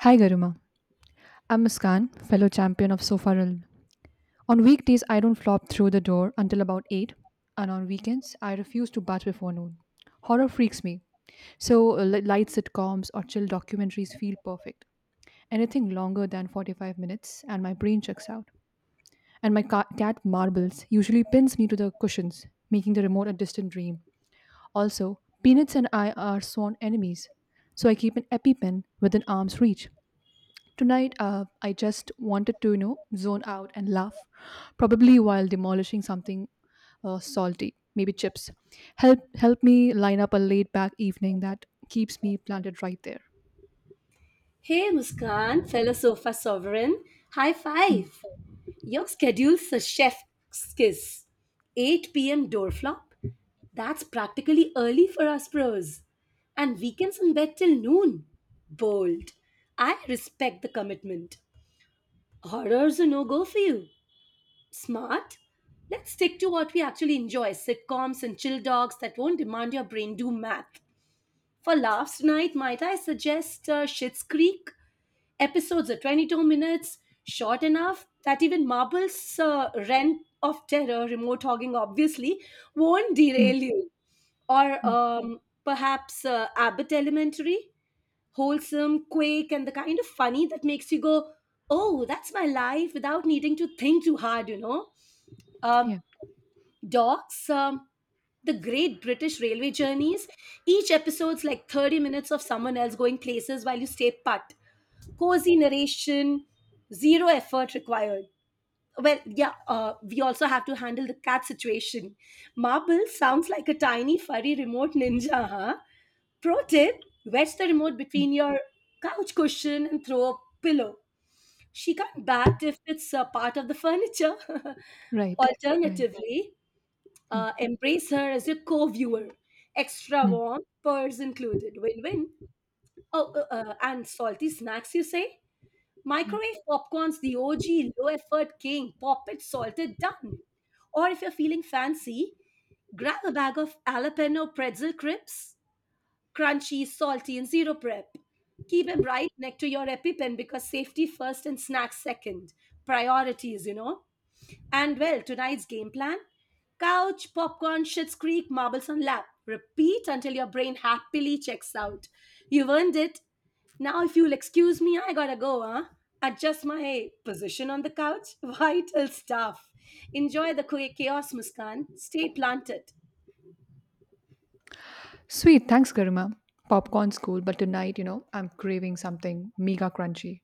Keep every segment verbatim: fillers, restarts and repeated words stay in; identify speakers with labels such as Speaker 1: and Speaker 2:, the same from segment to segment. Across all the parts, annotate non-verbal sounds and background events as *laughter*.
Speaker 1: Hi Garima, I'm Muskan, fellow champion of Sofa Realm. On weekdays, I don't flop through the door until about eight, and on weekends, I refuse to bat before noon. Horror freaks me, so uh, li- light sitcoms or chill documentaries feel perfect. Anything longer than forty-five minutes, and my brain checks out. And my ca- cat marbles usually pins me to the cushions, making the remote a distant dream. Also, Peanuts and I are sworn enemies, so I keep an EpiPen within arm's reach. Tonight, uh, I just wanted to, you know, zone out and laugh, probably while demolishing something uh, salty, maybe chips. Help help me line up a laid back evening that keeps me planted right there.
Speaker 2: Hey Muskan, fellow sofa sovereign, high
Speaker 1: Mm,
Speaker 2: five. Your schedule's a chef's kiss. eight p m door flop? That's practically early for us pros. And weekends in bed till noon? Bold. I respect the commitment. Horror's a no go for you. Smart? Let's stick to what we actually enjoy sitcoms and chill dogs that won't demand your brain do math. For laughs tonight, might I suggest uh, Schitt's Creek? Episodes are twenty-two minutes, short enough that even Marble's uh, rent of terror, remote hogging obviously, won't
Speaker 1: mm,
Speaker 2: derail you. Or
Speaker 1: mm,
Speaker 2: um, perhaps uh, Abbott Elementary, wholesome, quick, and the kind of funny that makes you go, oh, that's my life without needing to think too hard, you know. Um,
Speaker 1: yeah.
Speaker 2: Docs, um, the great British railway journeys. Each episode's like thirty minutes of someone else going places while you stay put, cozy narration, zero effort required. Well, yeah, uh, we also have to handle the cat situation. Marble sounds like a tiny furry remote ninja, huh? Pro tip, wedge the remote
Speaker 1: Mm.
Speaker 2: between your couch cushion and throw a pillow. She can't bat if it's a part of the furniture. *laughs*
Speaker 1: Right. Right.
Speaker 2: Alternatively,
Speaker 1: Mm,
Speaker 2: uh, embrace her as your co viewer. Extra
Speaker 1: mm.
Speaker 2: warm, purrs included. Win win. Oh, uh, uh, and salty snacks, you say?
Speaker 1: Yeah.
Speaker 2: Microwave popcorn's the O G low effort king, pop it, salt it, done. Or if you're feeling fancy, grab a bag of jalapeno pretzel crisps, crunchy, salty, and zero prep. Keep them right next to your EpiPen because safety first and snacks second. Priorities, you know. And well, tonight's game plan, couch, popcorn, shits creek, marbles on lap. Repeat until your brain happily checks out. You've earned it. Now, if you'll excuse me, I gotta go, huh? Adjust my position on the couch. *laughs* Vital stuff. Enjoy the quick chaos, Muskan. Stay planted.
Speaker 1: Sweet, thanks, Garima. Popcorn's cool, but tonight, you know, I'm craving something mega crunchy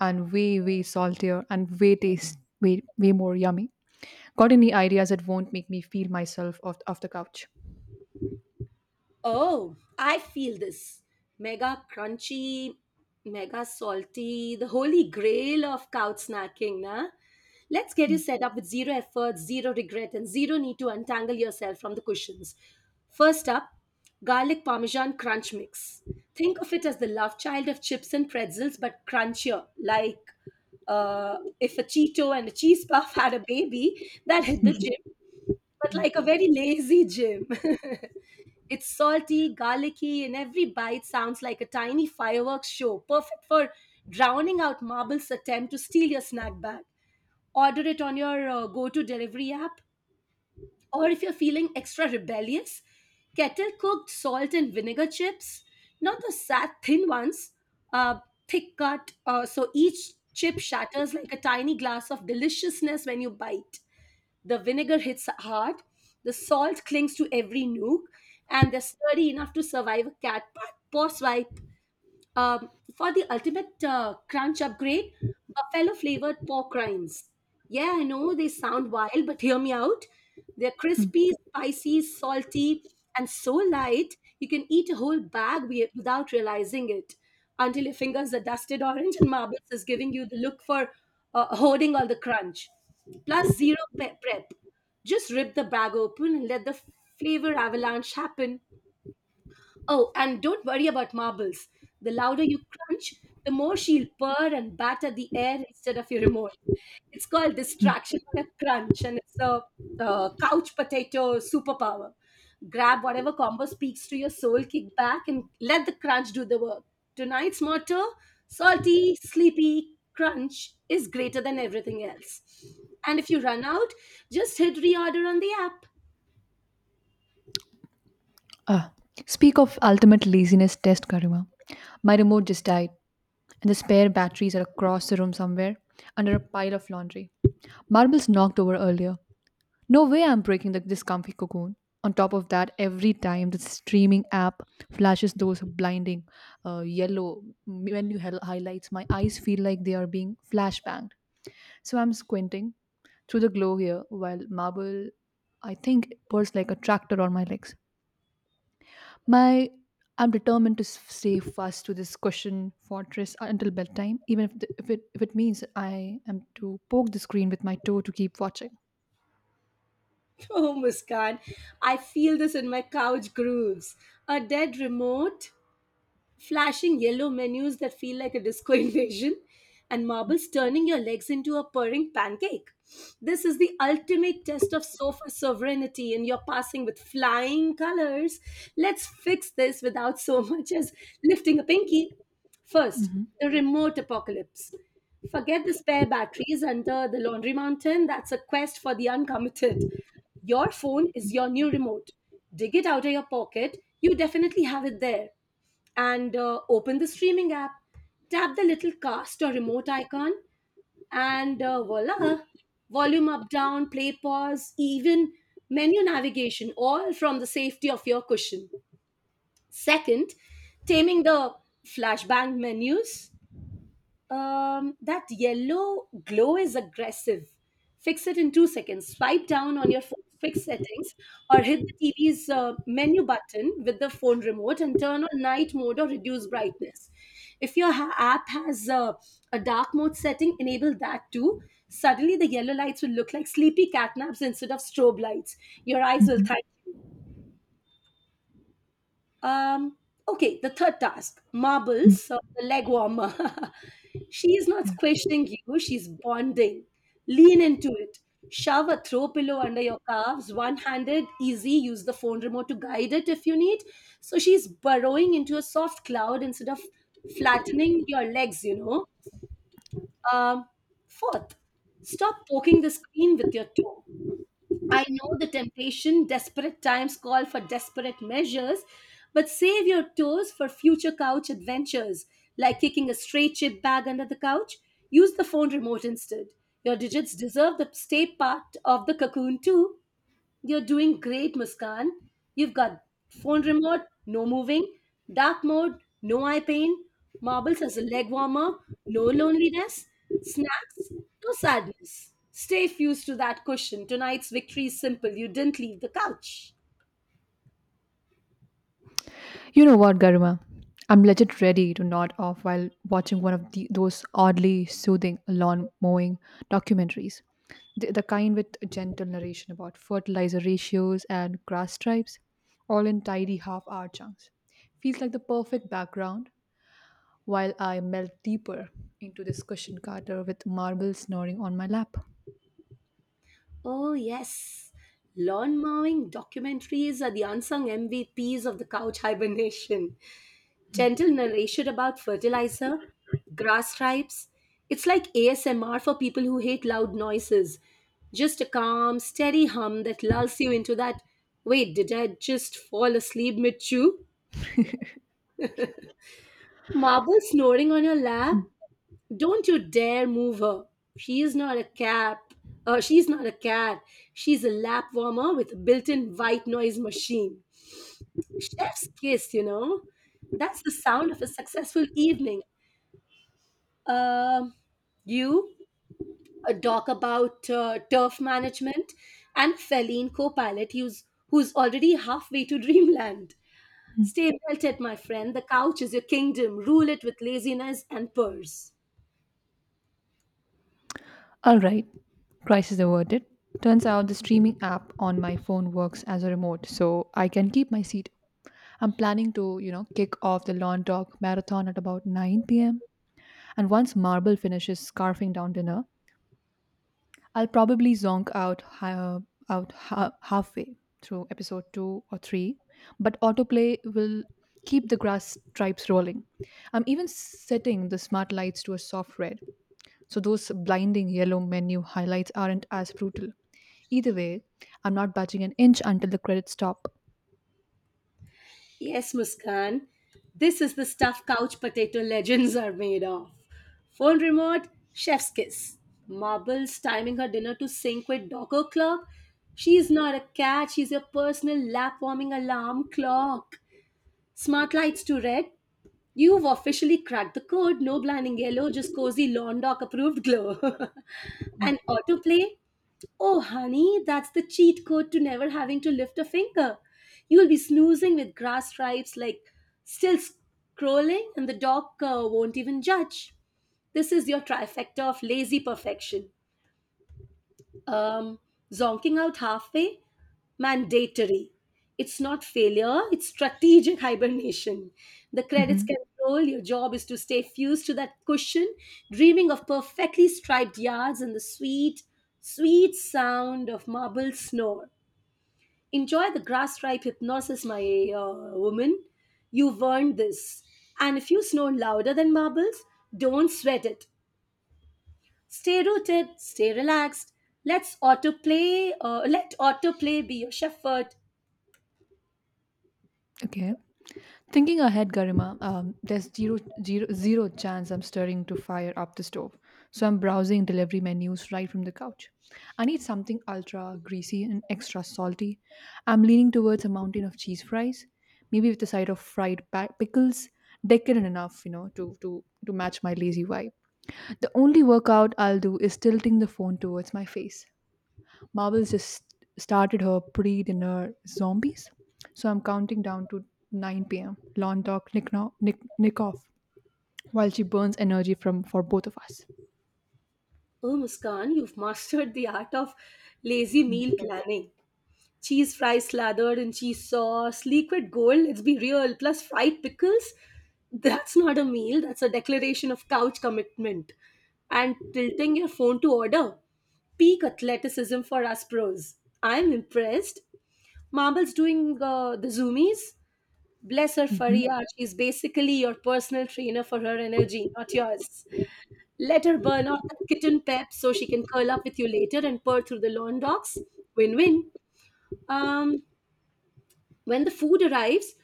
Speaker 1: and way, way saltier and way taste, way, way more yummy. Got any ideas that won't make me feel myself off, off the couch? *laughs*
Speaker 2: Oh, I feel this. Mega crunchy, mega salty, the holy grail of couch snacking, nah? Let's get you
Speaker 1: Yeah.
Speaker 2: set up with zero effort, zero regret, and zero need to untangle yourself from the cushions. First up, garlic parmesan crunch mix. Think of it as the love child of chips and pretzels, but crunchier, like, uh, if a Cheeto and a cheese puff *laughs* had a baby, that hit the
Speaker 1: Mhm,
Speaker 2: gym, but like a very lazy gym. *laughs* It's salty, garlicky, and every bite sounds like a tiny fireworks show, perfect for drowning out Marble's attempt to steal your snack bag. Order it on your uh, go to delivery app, or if you're feeling extra rebellious, kettle cooked salt and vinegar chips, not the sad thin ones, uh, thick cut, uh, so each chip shatters like a tiny glass of deliciousness when you bite. The vinegar hits hard, the salt clings to every nook, and they're sturdy enough to survive a cat paw paw swipe. Um, for the ultimate uh, crunch upgrade, buffalo flavored pork rinds. Yeah, I know they sound wild, but hear me out. They're
Speaker 1: mhm.
Speaker 2: crispy, spicy, salty, and so light you can eat a whole bag wi- without realizing it until your fingers are dusted orange and marbles is giving you the look for uh, holding all the crunch. Plus zero pe- prep. Just rip the bag open and let the flavor avalanche happen. Oh, and don't worry about marbles. The louder you crunch, the more she'll purr and batter the air instead of your remote. It's called
Speaker 1: Mhm.
Speaker 2: distraction on a crunch, and it's a, uh, couch potato superpower. Grab whatever combo speaks to your soul, kick back, and let the crunch do the work. Tonight's motto, salty, sleepy, crunch is greater than everything else. And if you run out, just hit reorder on the app.
Speaker 1: Ah, speak of ultimate laziness test, Karima. My remote just died, and the spare batteries are across the room somewhere under a pile of laundry. Marbles knocked over earlier. No way I'm breaking the, this comfy cocoon. On top of that, every time the streaming app flashes those blinding uh, yellow menu hel- highlights, my eyes feel like they are being flashbanged. So I'm squinting through the glow here while marble, I think, pulls like a tractor on my legs. My I'm determined to s- stay fast to this cushion fortress until bedtime, even if, the, if it if it means I am to poke the screen with my toe to keep watching.
Speaker 2: *laughs* Oh, Muskan, I feel this in my couch grooves. A dead remote, flashing yellow menus that feel like a disco *laughs* invasion, and marbles turning your legs into a purring pancake. This is the ultimate test of sofa sovereignty, and you're passing with flying colors. Let's fix this without so *laughs* much as lifting a pinky. First,
Speaker 1: Hmm
Speaker 2: the remote apocalypse. Forget the spare batteries under the laundry mountain. That's a quest for the uncommitted. Your phone is your new remote. Dig it out of your pocket. You definitely have it there and uh, open the streaming app. Tap the little cast or remote icon, and uh, voila! Volume up, down, play, pause, even menu navigation, all from the safety of your cushion. Second, taming the flashbang menus. Um, that yellow glow is aggressive. Fix it in two seconds. Swipe down on your phone's fixed settings or hit the T V's uh, menu button with the phone remote and turn on night mode or reduce brightness. If your ha- app has uh, a dark mode setting, enable that too. Suddenly, the yellow lights will look like sleepy cat naps instead of strobe lights. Your eyes will thank you. Um, okay, the third task
Speaker 1: Mm-hmm.
Speaker 2: marbles, so the leg warmer. *laughs* She is not squishing you, she's bonding. Lean into it. Shove a throw pillow under your calves, one handed, easy. Use the phone remote to guide it if you need. So she's burrowing into a soft cloud instead of flattening your legs, you know. Um, fourth, stop poking the screen with your toe. I know the temptation, desperate times call for desperate measures, but save your toes for future couch adventures, like kicking a stray chip bag under the couch. Use the phone remote instead. Your digits deserve the stay part of the cocoon too. You're doing great, Muskan. You've got phone remote, no moving, dark mode, no eye pain, marbles as a leg warmer, no loneliness, snacks, no sadness. Stay fused to that cushion. Tonight's victory is simple. You didn't leave the couch.
Speaker 1: You know what, Garima? I'm legit ready to nod off while watching one of the, those oddly soothing lawn mowing documentaries. The, the kind with gentle narration about fertilizer ratios and grass stripes, all in tidy half hour chunks. Feels like the perfect background while I melt deeper into this cushioned carter with marble snoring on my lap.
Speaker 2: Oh, yes. Lawn mowing documentaries are the unsung M V Ps of the couch hibernation. Gentle narration about fertilizer, grass stripes. It's like A S M R for people who hate loud noises. Just a calm, steady hum that lulls you into that wait, did I just fall asleep mid chew? Marble snoring on your lap? Don't you dare move her. She is not a cat. Uh, she's not a cat. She's a lap warmer with a built in white noise machine. Chef's kiss, you know? That's the sound of a successful evening. Um, you uh, talk about uh, turf management and Feline co-pilot who's, who's already halfway to *laughs* dreamland.
Speaker 1: Hmm.
Speaker 2: Stay belted, my friend. The couch is your kingdom. Rule it with laziness and purse.
Speaker 1: All right, crisis averted. Turns out the streaming app on my phone works as a remote, so I can keep my seat. I'm planning to, you know, kick off the lawn dog marathon at about nine p m. And once Marble finishes scarfing down dinner, I'll probably zonk out ha- out ha- halfway through episode two or three, but autoplay will keep the grass stripes rolling. I'm even setting the smart lights to a soft red, so those blinding yellow menu highlights aren't as brutal. Either way, I'm not budging an inch until the credits stop.
Speaker 2: Yes, Muskan. This is the stuff couch potato legends are made of. Phone remote, chef's kiss. Marbles timing her dinner to sync with Docker clock. She's not a cat, she's your personal lap warming alarm clock. Smart lights to red. You've officially cracked the code. No blinding yellow, just cozy lawn doc approved glow. *laughs* And autoplay. Oh, honey, that's the cheat code to never having to lift a finger. You'll be snoozing with grass stripes, like still scrolling, and the dog uh, won't even judge. This is your trifecta of lazy perfection. Um, zonking out halfway mandatory. It's not failure, it's strategic *laughs* hibernation. The credits
Speaker 1: Mhm.
Speaker 2: can roll, your job is to stay fused to that cushion, dreaming of perfectly striped yards and the sweet, sweet sound of marble snore. Enjoy the grass stripe hypnosis, my uh, woman. You've earned this. And if you snore louder than marbles, don't sweat it. Stay rooted, stay relaxed. Let's autoplay, uh, let autoplay be your shepherd.
Speaker 1: Okay. Thinking ahead, Garima, um, there's zero, zero, zero chance I'm stirring to fire up the stove. So I'm browsing delivery menus right from the couch. I need something ultra greasy and extra salty. I'm leaning towards a mountain of cheese fries, maybe with a side of fried pa- pickles, decadent enough, you know, to, to, to match my lazy vibe. The only workout I'll do is tilting the phone towards my face. Marvel just started her pre dinner zombies. So I'm counting down to nine p m. Lawn talk, nick, no, nick, nick off while she burns energy from for both of us.
Speaker 2: Oh, Muskan, you've mastered the art of lazy meal planning. Cheese fries slathered in cheese sauce, liquid gold, let's be real, plus fried pickles. That's not a meal, that's a declaration of couch commitment. And tilting your phone to order, peak athleticism for us pros. I'm impressed. Marble's doing uh, the zoomies. Bless her,
Speaker 1: Hmm
Speaker 2: Faria. She's basically your personal trainer for her energy, not yours. Let her burn out that kitten pep so she can curl up with you later and purr through the lawn dogs. Win win. Um, when the food arrives,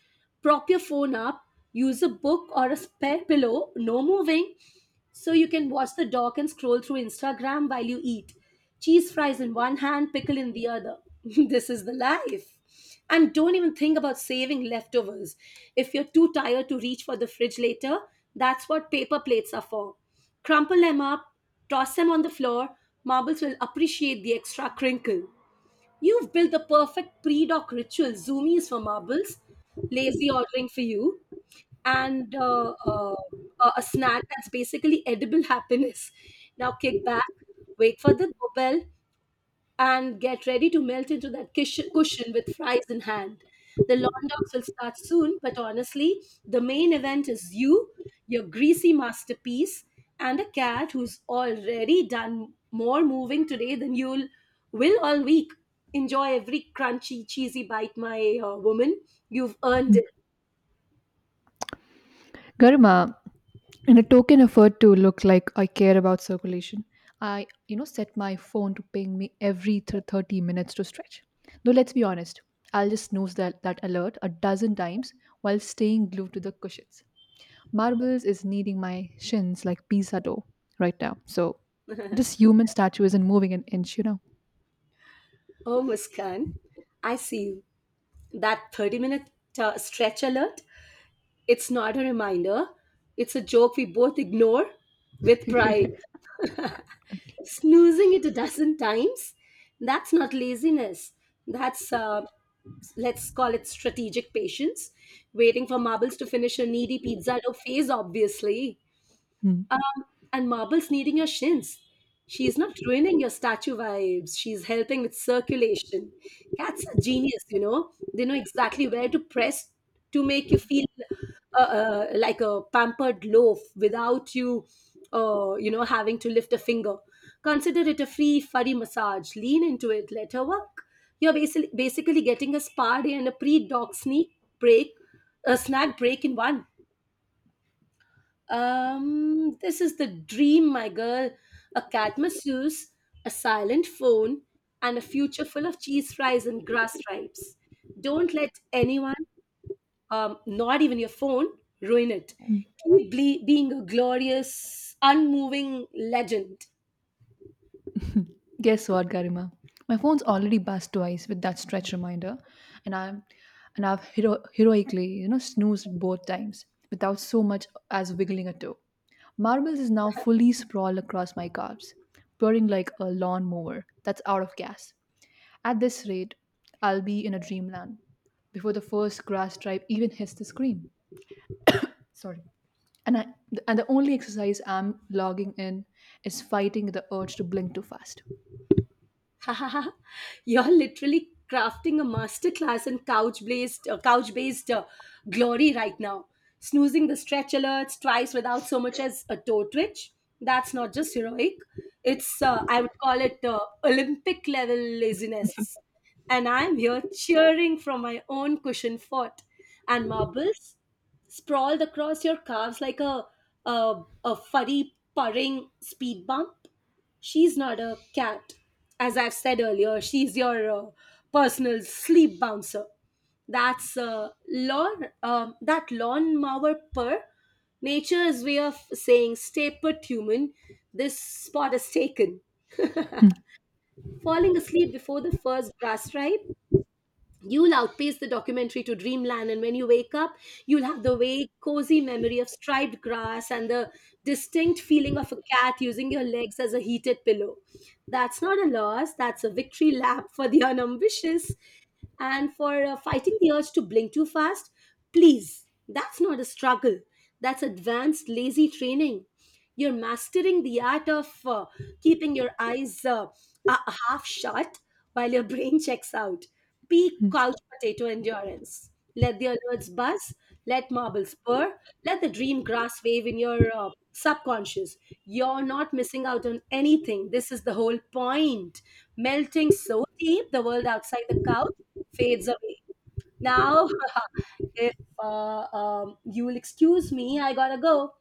Speaker 2: prop your phone up, use a book or a spare pillow, no moving, so you can watch the dock and scroll through Instagram while you eat. Cheese fries in one hand, pickle in the other. *laughs* This is the life. And don't even think about saving leftovers. If you're too tired to reach for the fridge later, that's what paper plates are for. Crumple them up, toss them on the floor. Marbles will appreciate the extra crinkle. You've built the perfect pre doc ritual zoomies for marbles, lazy ordering for you, and uh, uh, a a snack that's basically edible happiness. Now kick back, wait for the doorbell, and get ready to melt into that kish- cushion with fries in hand. The lawn dogs will start soon, but honestly, the main event is you, your greasy masterpiece, and a cat who's already done more moving today than you'll will all week. Enjoy every crunchy, cheesy bite, my uh, woman. You've earned it.
Speaker 1: Garima, in a token effort to look like I care about circulation, I, you know, set my phone to ping me every th- thirty minutes to stretch. Though let's be honest, I'll just snooze that, that alert a dozen times while staying glued to the cushions. Marbles is kneading my shins like pizza dough right now. So this
Speaker 2: *laughs*
Speaker 1: human statue isn't moving an inch, you know.
Speaker 2: Oh, Muskan, I see you. That thirty minute uh, stretch alert, it's not a reminder, it's a joke we both ignore with pride.
Speaker 1: *laughs*
Speaker 2: Snoozing it a dozen times, that's not laziness. That's, uh, let's call it strategic patience. Waiting for marbles to finish a needy pizza dough phase, obviously.
Speaker 1: Hmm.
Speaker 2: Um, and marbles kneading your shins. She's not ruining your statue vibes. She's helping with circulation. Cats are genius, you know. They know exactly where to press to make you feel uh, uh, like a pampered loaf without you, uh, you know, having to lift a finger. Consider it a free furry massage. Lean into it. Let her work. You're basically basically getting a spa day and a pre-dog sneak break, a snack break in one. Um, this is the dream, my girl. A cat masseuse, a silent phone, and a future full of cheese fries and grass stripes. Don't let anyone, um, not even your phone, ruin it. Keep ble- being a glorious, unmoving legend.
Speaker 1: Guess what, Garima? My phone's already buzzed twice with that stretch reminder, and I'm and I've hero- heroically, you know, snoozed both times without so much as wiggling a toe. Marbles is now fully sprawled across my calves, purring like a lawnmower that's out of gas. At this rate, I'll be in a dreamland before the first grass stripe even hits the screen. Sorry. And I and the only exercise I'm logging in is fighting the urge to blink too fast.
Speaker 2: *laughs* You're literally crafting a masterclass in couch-based, uh, couch-based uh, glory right now. Snoozing the stretch alerts twice without so much as a toe twitch. That's not just heroic. It's uh, I would call it uh, Olympic level laziness. And I'm here cheering from my own cushion fort. And marbles sprawled across your calves like a a, a furry purring speed bump. She's not a cat. As I've said earlier, she's your uh, personal sleep bouncer. That's uh, lawn, um that lawnmower purr. Nature's way of saying, stay put, human. This spot is taken. Falling asleep before the first grass stripe, you'll outpace the documentary to dreamland, and when you wake up, you'll have the vague, cozy memory of striped grass and the distinct feeling of a cat using your legs as a heated pillow. That's not a loss, that's a victory lap for the unambitious and for uh, fighting the urge to blink too fast, please, that's not a struggle. That's advanced lazy training. You're mastering the art of uh, keeping your eyes uh, uh, half shut while your *laughs* brain checks out. Peak couch potato endurance. Let the alerts buzz, let marbles purr, let the dream grass wave in your uh, subconscious. You're not missing out on anything. This is the whole point, melting so deep the world outside the couch fades away. Now, *laughs* if uh, um, you will excuse me, I gotta go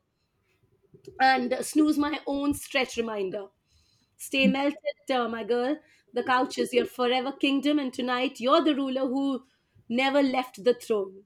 Speaker 2: and snooze my own stretch reminder. Stay melted, uh, my girl. The couch is your forever kingdom, and tonight you're the ruler who never left the throne.